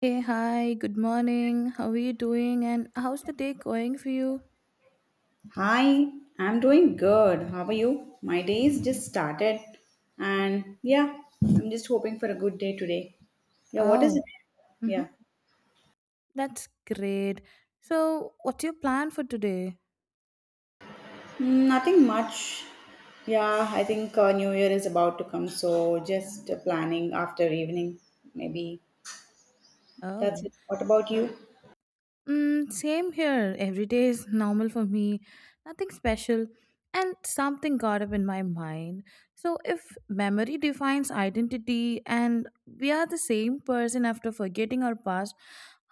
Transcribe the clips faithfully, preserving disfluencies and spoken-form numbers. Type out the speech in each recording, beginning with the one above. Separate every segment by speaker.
Speaker 1: Hey, hi, good morning. How are you doing? And how's the day going for you?
Speaker 2: Hi, I'm doing good. How are you? My day's just started, and yeah, I'm just hoping for a good day today. Yeah, what is
Speaker 1: Oh,
Speaker 2: it?
Speaker 1: mm-hmm.
Speaker 2: Yeah,
Speaker 1: That's great. So, what's your plan for today?
Speaker 2: mm, nothing much. Yeah, I think uh, New Year is about to come, so just uh, planning after evening, maybe. That's
Speaker 1: Oh.
Speaker 2: it. What about you?
Speaker 1: Mm, same here. Every day is normal for me, nothing special, and something got up in my mind. So, if memory defines identity and we are the same person after forgetting our past,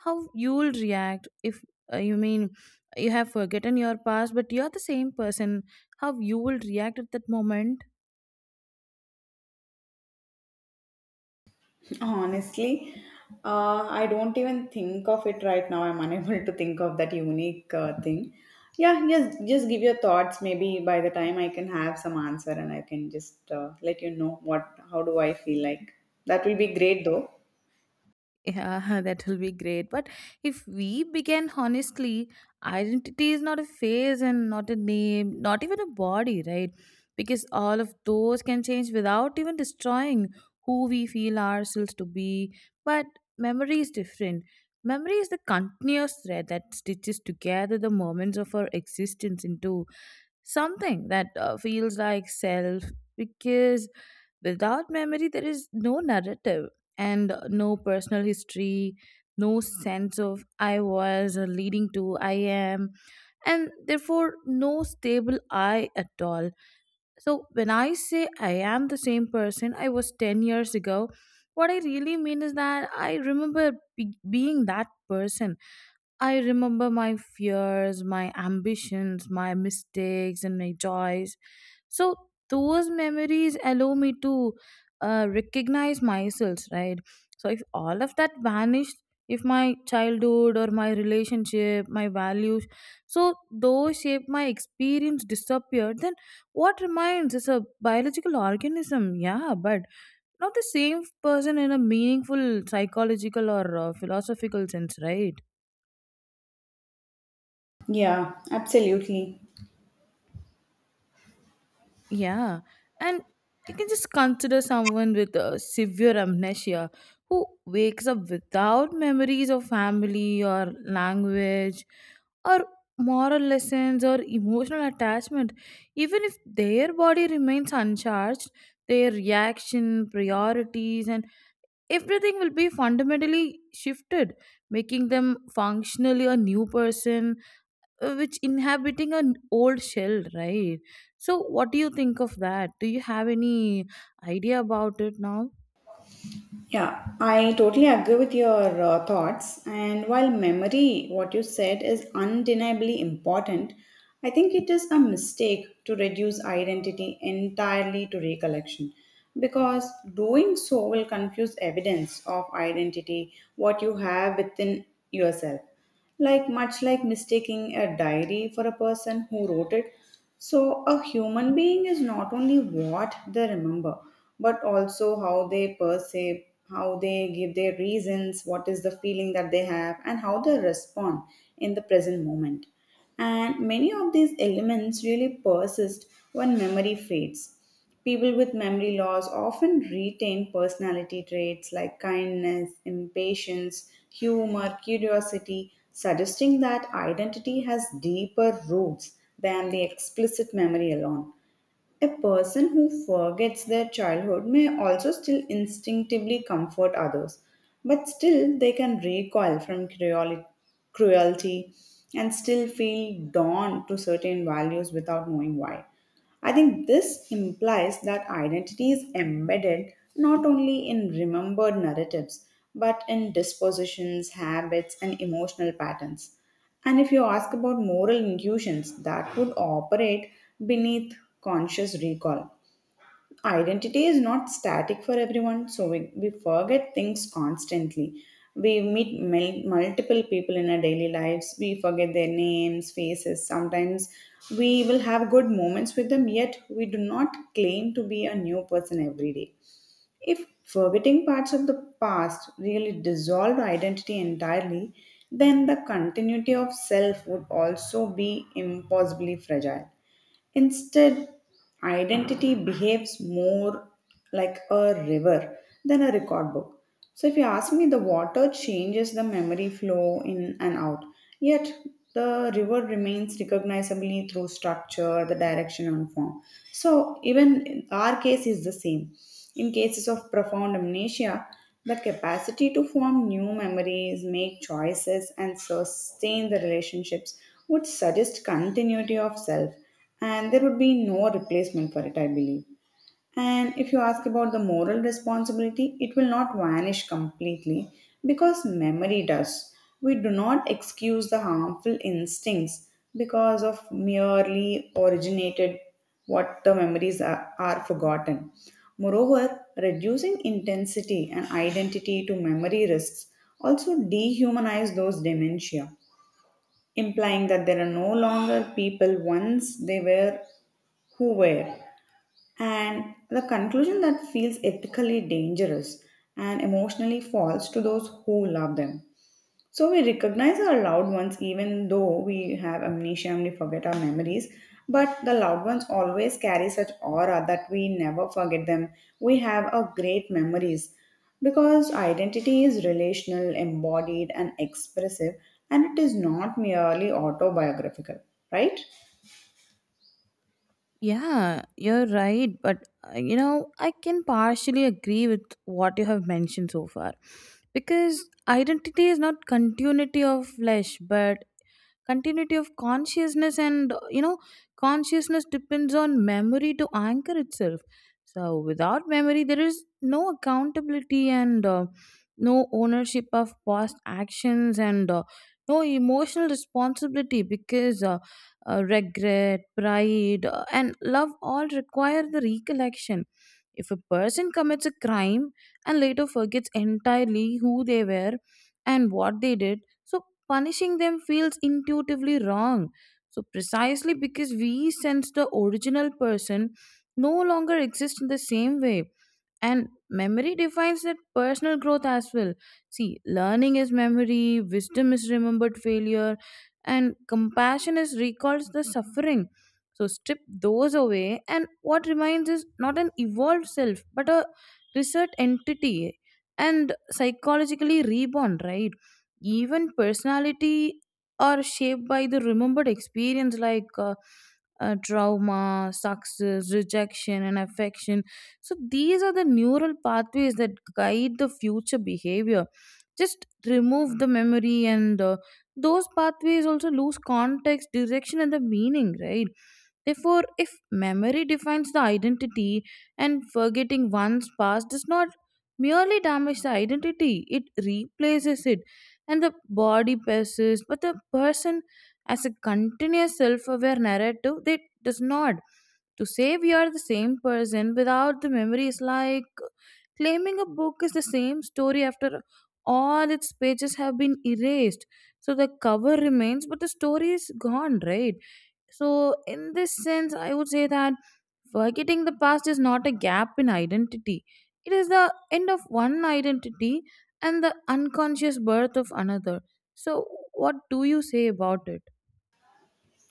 Speaker 1: how you'll react if uh, you mean you have forgotten your past, but you're the same person, how you will react at that moment?
Speaker 2: Honestly, uh, I don't even think of it right now. I'm unable to think of that unique uh, thing. Yeah, just just give your thoughts. Maybe by the time I can have some answer and I can just uh, let you know what, how do I feel like. That will be great though.
Speaker 1: Yeah, that will be great. But if we begin honestly, identity is not a phase and not a name, not even a body, right? Because all of those can change without even destroying who we feel ourselves to be. But memory is different. Memory is the continuous thread that stitches together the moments of our existence into something that uh, feels like self. Because without memory, there is no narrative and no personal history, no sense of I was or leading to I am, and therefore no stable I at all. So, when I say I am the same person I was ten years ago, what I really mean is that I remember be- being that person. I remember my fears, my ambitions, my mistakes, and my joys, so those memories allow me to uh, recognize myself, right? So if all of that vanished, if my childhood or my relationship, my values, so those shape my experience disappeared, then what remains is a biological organism, yeah, but not the same person in a meaningful psychological or uh, philosophical sense, right?
Speaker 2: Yeah, absolutely.
Speaker 1: Yeah, and you can just consider someone with a severe amnesia who wakes up without memories of family or language or moral lessons or emotional attachment. Even if their body remains uncharged, their reaction, priorities, and everything will be fundamentally shifted, making them functionally a new person, uh, which inhabiting an old shell, right? So what do you think of that? Do you have any idea about it now?
Speaker 2: Yeah, I totally agree with your uh, thoughts. And while memory, what you said, is undeniably important, I think it is a mistake to reduce identity entirely to recollection because doing so will confuse evidence of identity, what you have within yourself. Like, much like mistaking a diary for a person who wrote it. So, a human being is not only what they remember, but also how they perceive, how they give their reasons, what is the feeling that they have, and how they respond in the present moment. And many of these elements really persist when memory fades. People with memory loss often retain personality traits like kindness, impatience, humor, curiosity, suggesting that identity has deeper roots than the explicit memory alone. A person who forgets their childhood may also still instinctively comfort others, but still they can recoil from cruel- cruelty and still feel drawn to certain values without knowing why. I think this implies that identity is embedded not only in remembered narratives but in dispositions, habits, and emotional patterns. And if you ask about moral intuitions that would operate beneath conscious recall, identity is not static for everyone, so we, we forget things constantly. We meet mul- multiple people in our daily lives, we forget their names, faces. Sometimes we will have good moments with them, yet we do not claim to be a new person every day. If forgetting parts of the past really dissolved identity entirely, then the continuity of self would also be impossibly fragile. Instead, identity behaves more like a river than a record book. So, if you ask me, the water changes the memory flow in and out, yet the river remains recognizably through structure, the direction, and form. So, even our case is the same. In cases of profound amnesia, the capacity to form new memories, make choices, and sustain the relationships would suggest continuity of self and there would be no replacement for it, I believe. And if you ask about the moral responsibility, it will not vanish completely because memory does. We do not excuse the harmful instincts because of merely originated what the memories are, are forgotten. Moreover, reducing intensity and identity to memory risks also dehumanize those dementia, implying that there are no longer people once they were who were, and the conclusion that feels ethically dangerous and emotionally false to those who love them. So we recognize our loved ones even though we have amnesia and we forget our memories, but the loved ones always carry such aura that we never forget them. We have a great memories because identity is relational, embodied and expressive, and it is not merely autobiographical, right?
Speaker 1: Yeah, you're right, but uh, you know I can partially agree with what you have mentioned so far, because identity is not continuity of flesh but continuity of consciousness, and you know consciousness depends on memory to anchor itself. So without memory there is no accountability, and uh, no ownership of past actions, and uh, no emotional responsibility, because uh, uh, regret, pride, uh, and love all require the recollection. If a person commits a crime and later forgets entirely who they were and what they did, so punishing them feels intuitively wrong. So precisely because we sense the original person no longer exists in the same way. And memory defines that personal growth as well. See, learning is memory, wisdom is remembered failure, and compassion is recalls the suffering. So strip those away, and what remains is not an evolved self, but a reset entity and psychologically reborn, right? Even personality are shaped by the remembered experience, like uh, uh, trauma, success, rejection, and affection. So these are the neural pathways that guide the future behavior. Just remove the memory, and uh, those pathways also lose context, direction, and the meaning, right? Therefore, if memory defines the identity and forgetting one's past does not merely damage the identity, it replaces it. And the body persists, but the person as a continuous self aware narrative, that does not. To say we are the same person without the memory is like claiming a book is the same story after all its pages have been erased. So the cover remains, but the story is gone, right? So, in this sense, I would say that forgetting the past is not a gap in identity, it is the end of one identity and the unconscious birth of another. So, what do you say about it?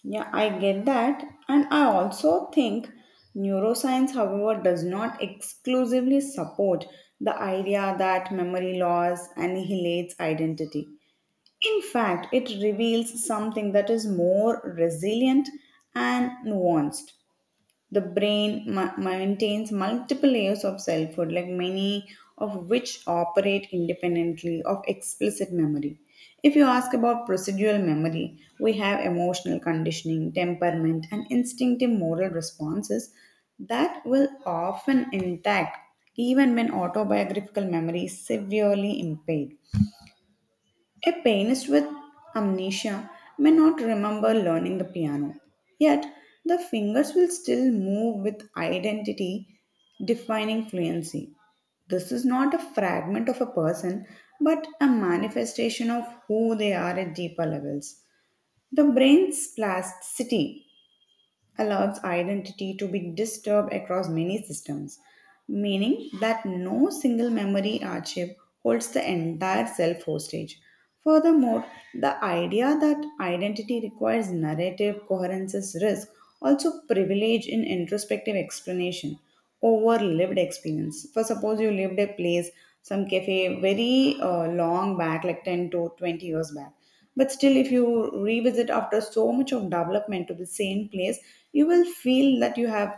Speaker 2: Yeah, I get that. And I also think neuroscience, however, does not exclusively support the idea that memory loss annihilates identity. In fact, it reveals something that is more resilient and nuanced. The brain ma- maintains multiple layers of selfhood, like many of which operate independently of explicit memory. If you ask about procedural memory, we have emotional conditioning, temperament, and instinctive moral responses that will often intact even when autobiographical memory is severely impaired. A pianist with amnesia may not remember learning the piano, yet the fingers will still move with identity defining fluency. This is not a fragment of a person, but a manifestation of who they are at deeper levels. The brain's plasticity allows identity to be disturbed across many systems, meaning that no single memory archive holds the entire self hostage. Furthermore, the idea that identity requires narrative coherence's risk also privilege in introspective explanation over lived experience. For suppose you lived a place, some cafe very uh, long back, like ten to twenty years back. But still, if you revisit after so much of development to the same place, you will feel that you have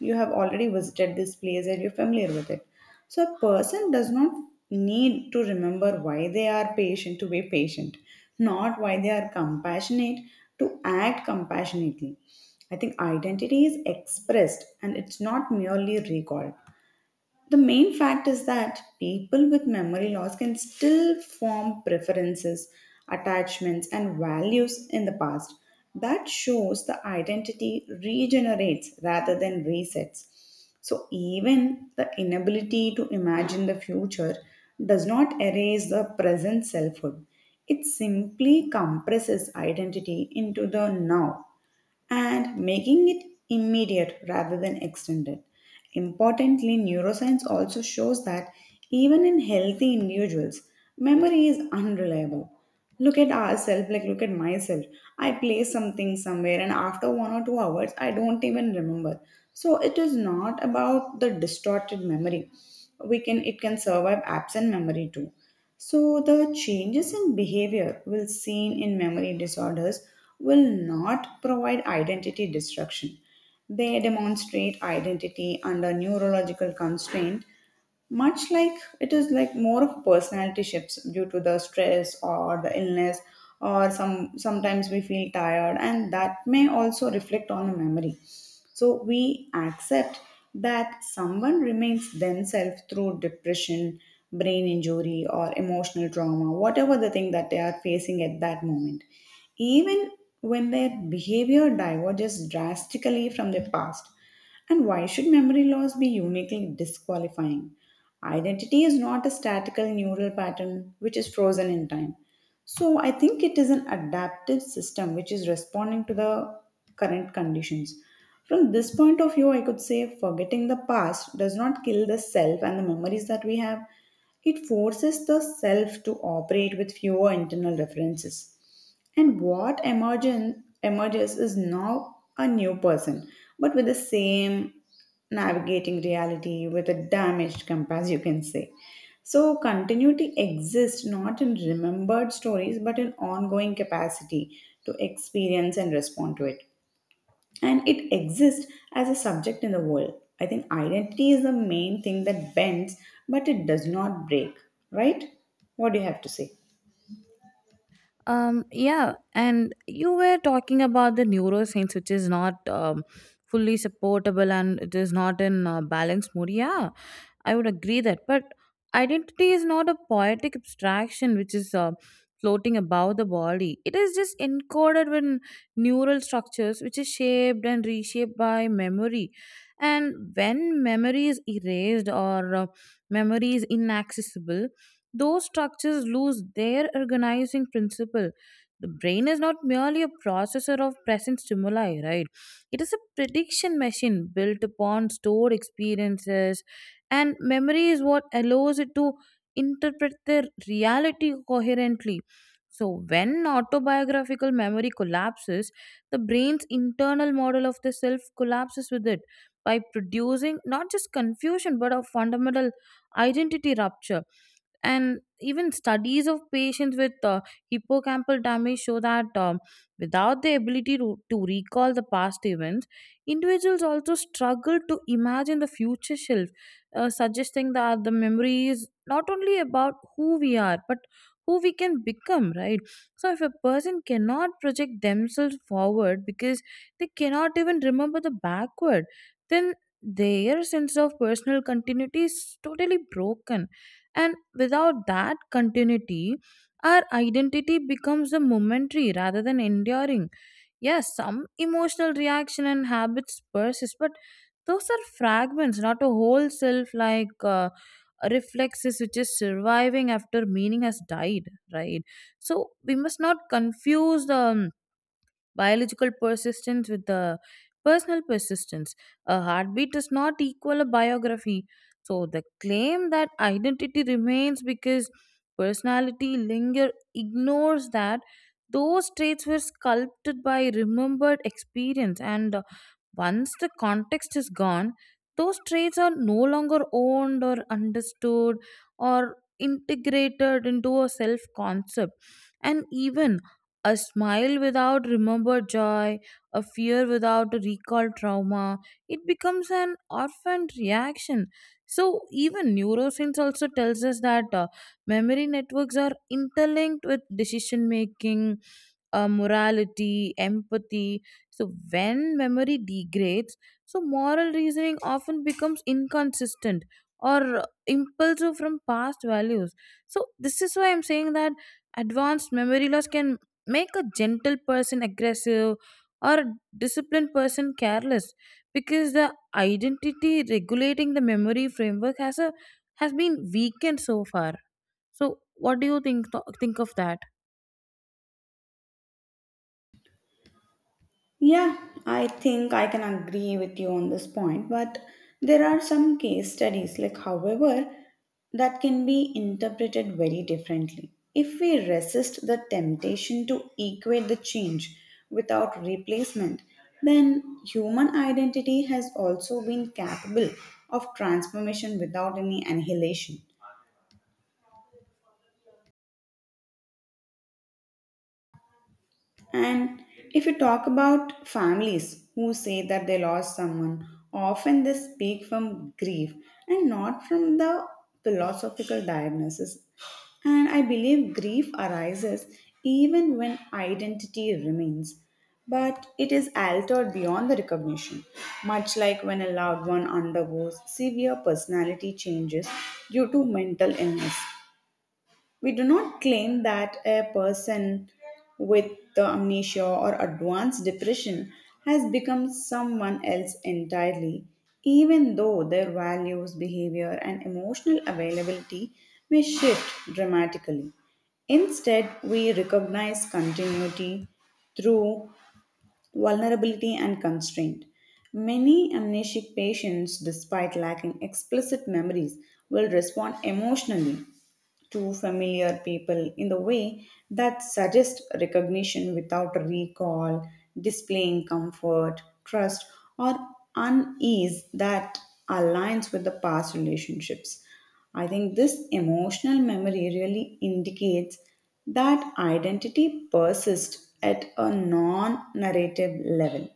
Speaker 2: you have already visited this place and you're familiar with it. So a person does not need to remember why they are patient to be patient, not why they are compassionate to act compassionately. I think identity is expressed and it's not merely recalled. The main fact is that people with memory loss can still form preferences, attachments, and values in the past. That shows the identity regenerates rather than resets. So, even the inability to imagine the future does not erase the present selfhood. It simply compresses identity into the now and making it immediate rather than extended. Importantly, neuroscience also shows that even in healthy individuals, memory is unreliable. Look at ourselves, like look at myself. I place something somewhere, and after one or two hours, I don't even remember. So it is not about the distorted memory. We can it can survive absent memory too. So the changes in behavior will seen in memory disorders will not provide identity destruction. They demonstrate identity under neurological constraint, much like it is like more of personality shifts due to the stress or the illness, or some sometimes we feel tired and that may also reflect on the memory. So we accept that someone remains themselves through depression, brain injury, or emotional trauma, whatever the thing that they are facing at that moment. Even when their behavior diverges drastically from their past. And why should memory loss be uniquely disqualifying? Identity is not a statical neural pattern which is frozen in time. So I think it is an adaptive system which is responding to the current conditions. From this point of view, I could say forgetting the past does not kill the self and the memories that we have. It forces the self to operate with fewer internal references. And what emergen- emerges is now a new person, but with the same navigating reality, with a damaged compass, you can say. So, continuity exists not in remembered stories, but in ongoing capacity to experience and respond to it. And it exists as a subject in the world. I think identity is the main thing that bends, but it does not break, right? What do you have to say?
Speaker 1: Um, yeah, and you were talking about the neuroscience, which is not um, fully supportable and it is not in uh, balanced mode. Yeah, I would agree that. But identity is not a poetic abstraction which is uh, floating above the body. It is just encoded in neural structures which is shaped and reshaped by memory. And when memory is erased or uh, memory is inaccessible, those structures lose their organizing principle. The brain is not merely a processor of present stimuli, right? It is a prediction machine built upon stored experiences, and memory is what allows it to interpret the reality coherently. So, when autobiographical memory collapses, the brain's internal model of the self collapses with it, by producing not just confusion but a fundamental identity rupture. And even studies of patients with uh, hippocampal damage show that um, without the ability to, to recall the past events, individuals also struggle to imagine the future self, uh, suggesting that the memory is not only about who we are but who we can become, right? So if a person cannot project themselves forward because they cannot even remember the backward, then their sense of personal continuity is totally broken, and without that continuity, our identity becomes a momentary rather than enduring. Yes, some emotional reaction and habits persist, but those are fragments, not a whole self, like uh, reflexes which is surviving after meaning has died, right? So we must not confuse the um, biological persistence with the personal persistence. A heartbeat does not equal a biography. So the claim that identity remains because personality linger ignores that those traits were sculpted by remembered experience, and uh, once the context is gone, those traits are no longer owned or understood or integrated into a self concept, and even a smile without remembered joy, a fear without a recalled trauma, it becomes an orphaned reaction. So even neuroscience also tells us that uh, memory networks are interlinked with decision making, uh, morality, empathy. So when memory degrades, so moral reasoning often becomes inconsistent or impulsive from past values. So this is why I'm saying that advanced memory loss can make a gentle person aggressive or a disciplined person careless, because the identity regulating the memory framework has a has been weakened so far. So what do you think think of that?
Speaker 2: Yeah, I think I can agree with you on this point, but there are some case studies, like, however, that can be interpreted very differently. If we resist the temptation to equate the change without replacement, then human identity has also been capable of transformation without any annihilation. And if you talk about families who say that they lost someone, often they speak from grief and not from the philosophical diagnosis. And I believe grief arises even when identity remains, but it is altered beyond the recognition, much like when a loved one undergoes severe personality changes due to mental illness. We do not claim that a person with the amnesia or advanced depression has become someone else entirely, even though their values, behavior, and emotional availability may shift dramatically. Instead, we recognize continuity through vulnerability and constraint. Many amnesic patients, despite lacking explicit memories, will respond emotionally to familiar people in the way that suggests recognition without recall, displaying comfort, trust, or unease that aligns with the past relationships. I think this emotional memory really indicates that identity persists at a non narrative level,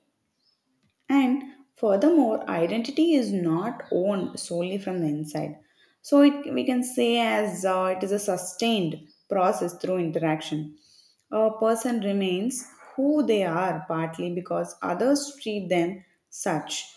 Speaker 2: and furthermore, identity is not owned solely from the inside. So it, we can say as uh, it is a sustained process through interaction. A person remains who they are partly because others treat them such,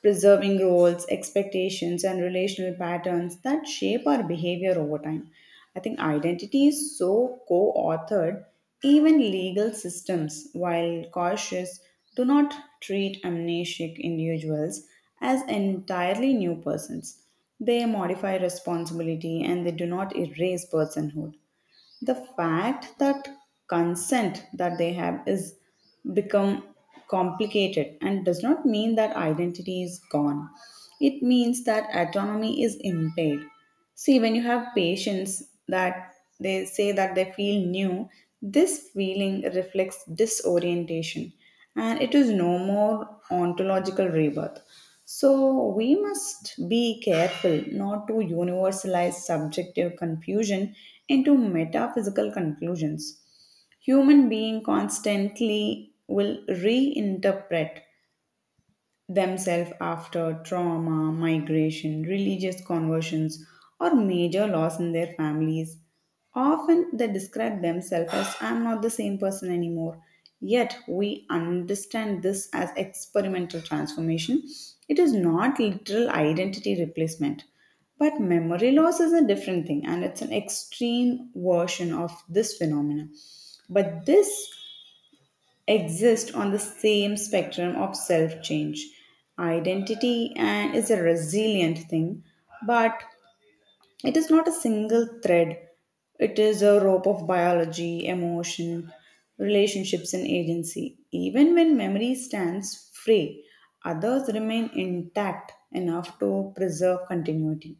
Speaker 2: preserving roles, expectations, and relational patterns that shape our behavior over time. I think identity is so co authored. Even legal systems, while cautious, do not treat amnesiac individuals as entirely new persons. They modify responsibility and they do not erase personhood. The fact that consent that they have is become complicated and does not mean that identity is gone. It means that autonomy is impaired. See, when you have patients that they say that they feel new, this feeling reflects disorientation and it is no more ontological rebirth. So we must be careful not to universalize subjective confusion into metaphysical conclusions. Human being constantly will reinterpret themselves after trauma, migration, religious conversions, or major loss in their families. Often they describe themselves as I'm not the same person anymore. Yet we understand this as experimental transformation. It is not literal identity replacement. But memory loss is a different thing and it's an extreme version of this phenomenon. But this exist on the same spectrum of self change. Identity and is a resilient thing, but it is not a single thread, it is a rope of biology, emotion, relationships, and agency. Even when memory stands free, others remain intact enough to preserve continuity.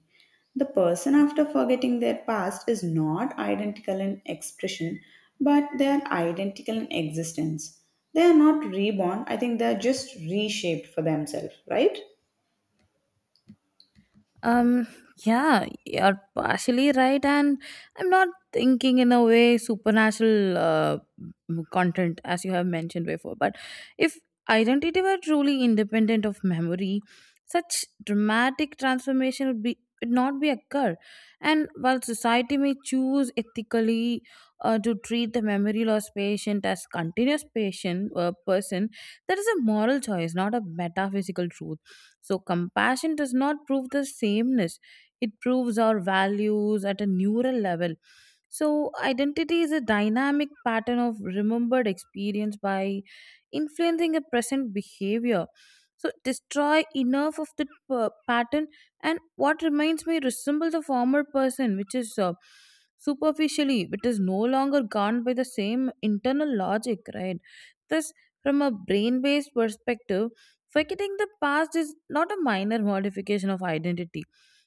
Speaker 2: The person after forgetting their past is not identical in expression, but they are identical in existence. They are not reborn, I think they are just reshaped for themselves, right?
Speaker 1: Um, yeah, you're partially right, and I'm not thinking in a way supernatural uh, m- content as you have mentioned before. But if identity were truly independent of memory, such dramatic transformation would be would not be occur. And while society may choose ethically uh, to treat the memory loss patient as continuous patient uh, person, that is a moral choice, not a metaphysical truth. So, compassion does not prove the sameness, it proves our values at a neural level. So, identity is a dynamic pattern of remembered experience by influencing a present behavior. So, destroy enough of the p- pattern, and what remains may resemble the former person, which is uh, superficially, but is no longer governed by the same internal logic, right? Thus, from a brain based perspective, forgetting the past is not a minor modification of identity.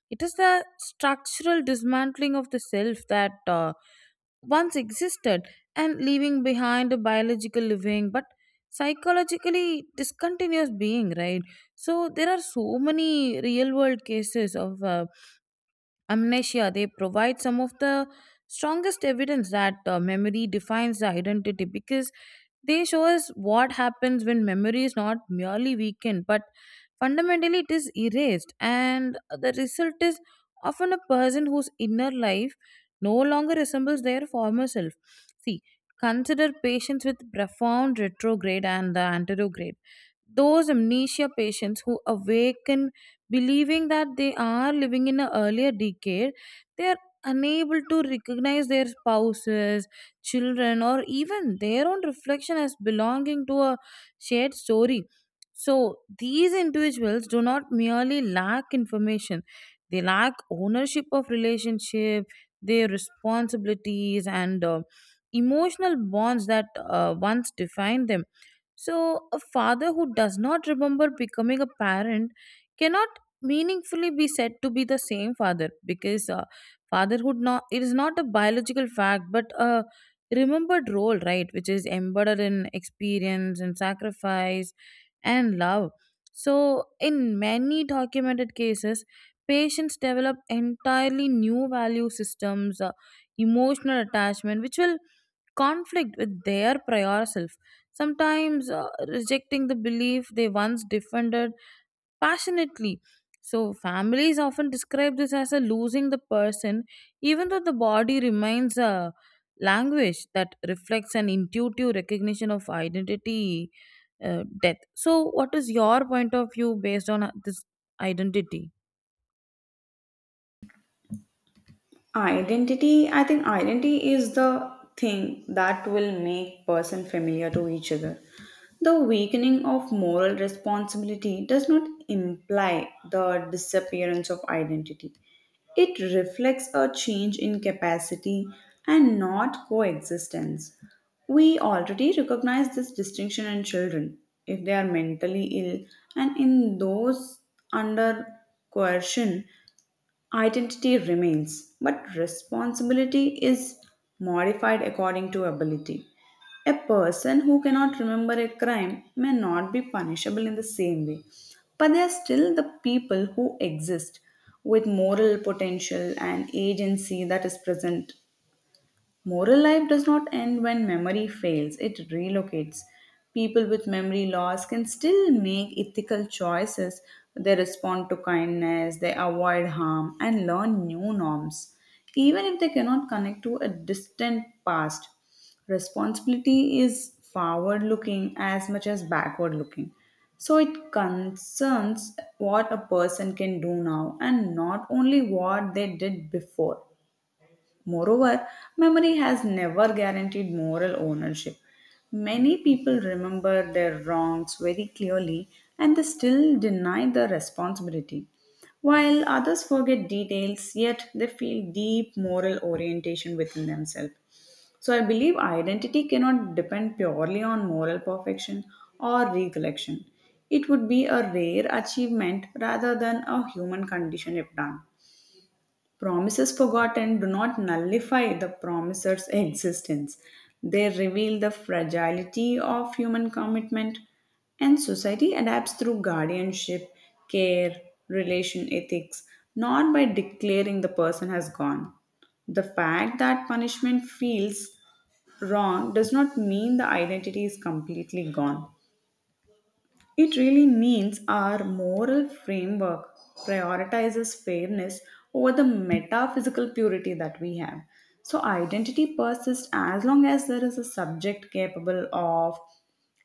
Speaker 1: It is the structural dismantling of the self that Uh, once existed and leaving behind a biological living but psychologically discontinuous being, right? So there are so many real world cases of uh, amnesia. They provide some of the strongest evidence that uh, memory defines the identity, because they show us what happens when memory is not merely weakened, but fundamentally it is erased, and the result is often a person whose inner life no longer resembles their former self. See, consider patients with profound retrograde and the anterograde, those amnesia patients who awaken believing that they are living in an earlier decade, they are unable to recognize their spouses, children, or even their own reflection as belonging to a shared story. So, these individuals do not merely lack information, they lack ownership of relationship, their responsibilities, and uh, emotional bonds that uh, once defined them. So, a father who does not remember becoming a parent cannot meaningfully be said to be the same father, because uh, fatherhood not it is not a biological fact but a remembered role, right, which is embedded in experience and sacrifice and love. So, in many documented cases, patients develop entirely new value systems, uh, emotional attachment, which will conflict with their prior self, sometimes uh, rejecting the belief they once defended passionately. So, families often describe this as a losing the person, even though the body remains, a language that reflects an intuitive recognition of identity uh, death. So, what is your point of view based on uh, this identity?
Speaker 2: Identity, I think identity is the thing that will make person familiar to each other. The weakening of moral responsibility does not imply the disappearance of identity. It reflects a change in capacity and not coexistence. We already recognize this distinction in children if they are mentally ill, and in those under coercion. Identity remains, but responsibility is modified according to ability. A person who cannot remember a crime may not be punishable in the same way, but they are still the people who exist with moral potential and agency that is present. Moral life does not end when memory fails, it relocates. People with memory loss can still make ethical choices. They respond to kindness, they avoid harm, and learn new norms, even if they cannot connect to a distant past. Responsibility is forward looking as much as backward looking. So it concerns what a person can do now and not only what they did before. Moreover, memory has never guaranteed moral ownership. Many people remember their wrongs very clearly and they still deny the responsibility. While others forget details, yet they feel deep moral orientation within themselves. So I believe identity cannot depend purely on moral perfection or recollection. It would be a rare achievement rather than a human condition if done. Promises forgotten do not nullify the promisor's existence. They reveal the fragility of human commitment, and society adapts through guardianship, care, relation ethics, not by declaring the person has gone. The fact that punishment feels wrong does not mean the identity is completely gone. It really means our moral framework prioritizes fairness over the metaphysical purity that we have. So, identity persists as long as there is a subject capable of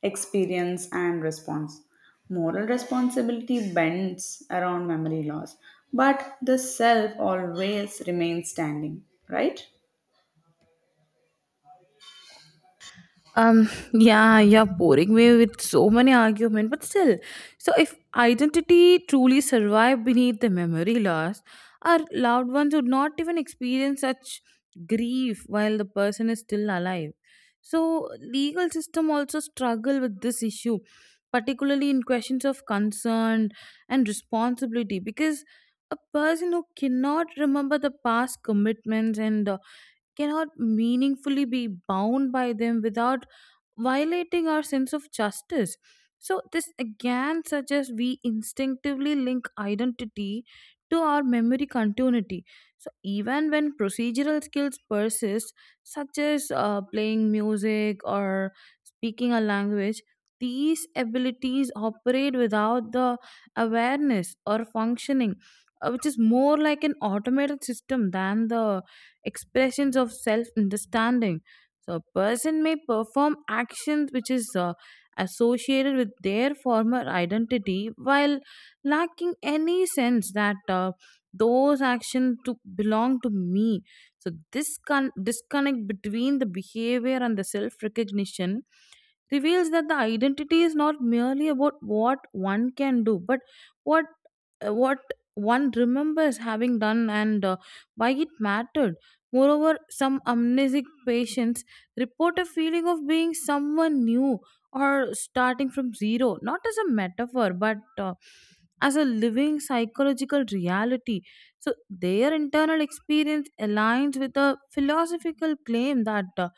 Speaker 2: experience and response. Moral responsibility bends around memory loss, but the self always remains standing, right?
Speaker 1: um yeah, you're boring me with so many arguments, but still, so if identity truly survived beneath the memory loss, our loved ones would not even experience such grief while the person is still alive. So legal system also struggle with this issue, particularly in questions of concern and responsibility, because a person who cannot remember the past commitments and uh, cannot meaningfully be bound by them without violating our sense of justice. So, this again suggests we instinctively link identity to our memory continuity. So, even when procedural skills persist, such as uh, playing music or speaking a language, these abilities operate without the awareness or functioning, uh, which is more like an automated system than the expressions of self understanding. So a person may perform actions which is uh, associated with their former identity while lacking any sense that uh, those actions to belong to me. So this con- disconnect between the behavior and the self-recognition reveals that the identity is not merely about what one can do, but what uh, what one remembers having done, and uh, why it mattered. Moreover, some amnesic patients report a feeling of being someone new or starting from zero, not as a metaphor, but uh, as a living psychological reality. So, their internal experience aligns with a philosophical claim that uh,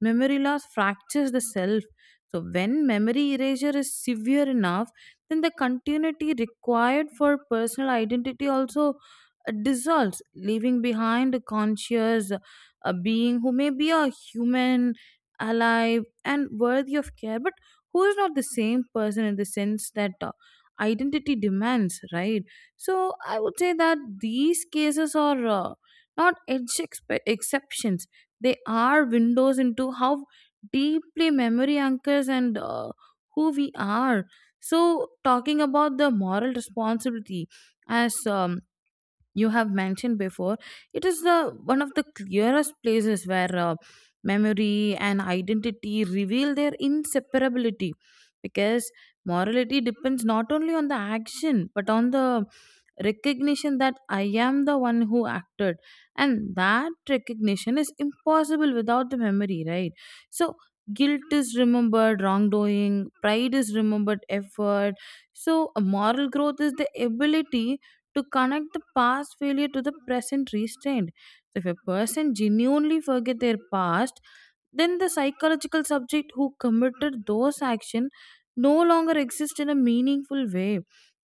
Speaker 1: memory loss fractures the self. So, when memory erasure is severe enough, then the continuity required for personal identity also uh, dissolves, leaving behind a conscious uh, being who may be a human, alive, and worthy of care, but who is not the same person in the sense that uh, identity demands, right? So I would say that these cases are uh, not edge expe- exceptions. They are windows into how deeply memory anchors and uh, who we are. So, talking about the moral responsibility, as um, you have mentioned before, it is the one of the clearest places where uh, memory and identity reveal their inseparability, because morality depends not only on the action but on the recognition that I am the one who acted, and that recognition is impossible without the memory, right? So guilt is remembered wrongdoing, pride is remembered effort, so a moral growth is the ability to connect the past failure to the present restraint. So if a person genuinely forget their past, then the psychological subject who committed those actions no longer exist in a meaningful way,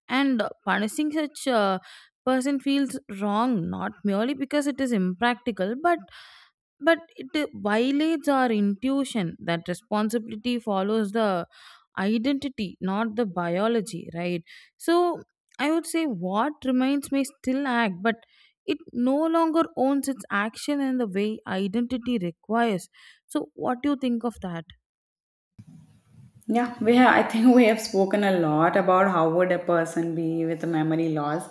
Speaker 1: and punishing such a person feels wrong not merely because it is impractical, but but it violates our intuition that responsibility follows the identity not the biology, right? So I would say what remains may still act, but it no longer owns its action in the way identity requires. So what do you think of that?
Speaker 2: Yeah, we have, I think we have spoken a lot about how would a person be with a memory loss,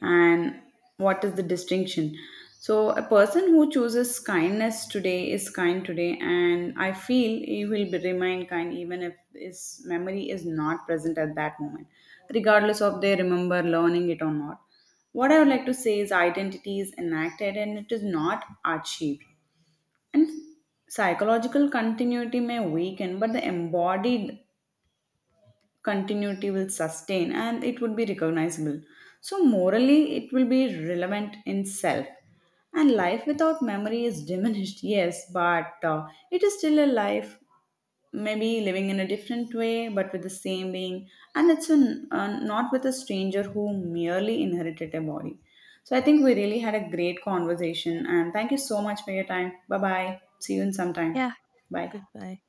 Speaker 2: and what is the distinction. So a person who chooses kindness today is kind today, and I feel he will be remain kind even if his memory is not present at that moment, regardless of they remember learning it or not. What I would like to say is identity is enacted and it is not achieved. And psychological continuity may weaken, but the embodied continuity will sustain and it would be recognizable. So, morally, it will be relevant in self. And life without memory is diminished, yes, but uh, it is still a life, maybe living in a different way, but with the same being. And it's an, uh, not with a stranger who merely inherited a body. So, I think we really had a great conversation, and thank you so much for your time. Bye bye. See you in some time.
Speaker 1: Yeah,
Speaker 2: Bye.
Speaker 1: goodbye.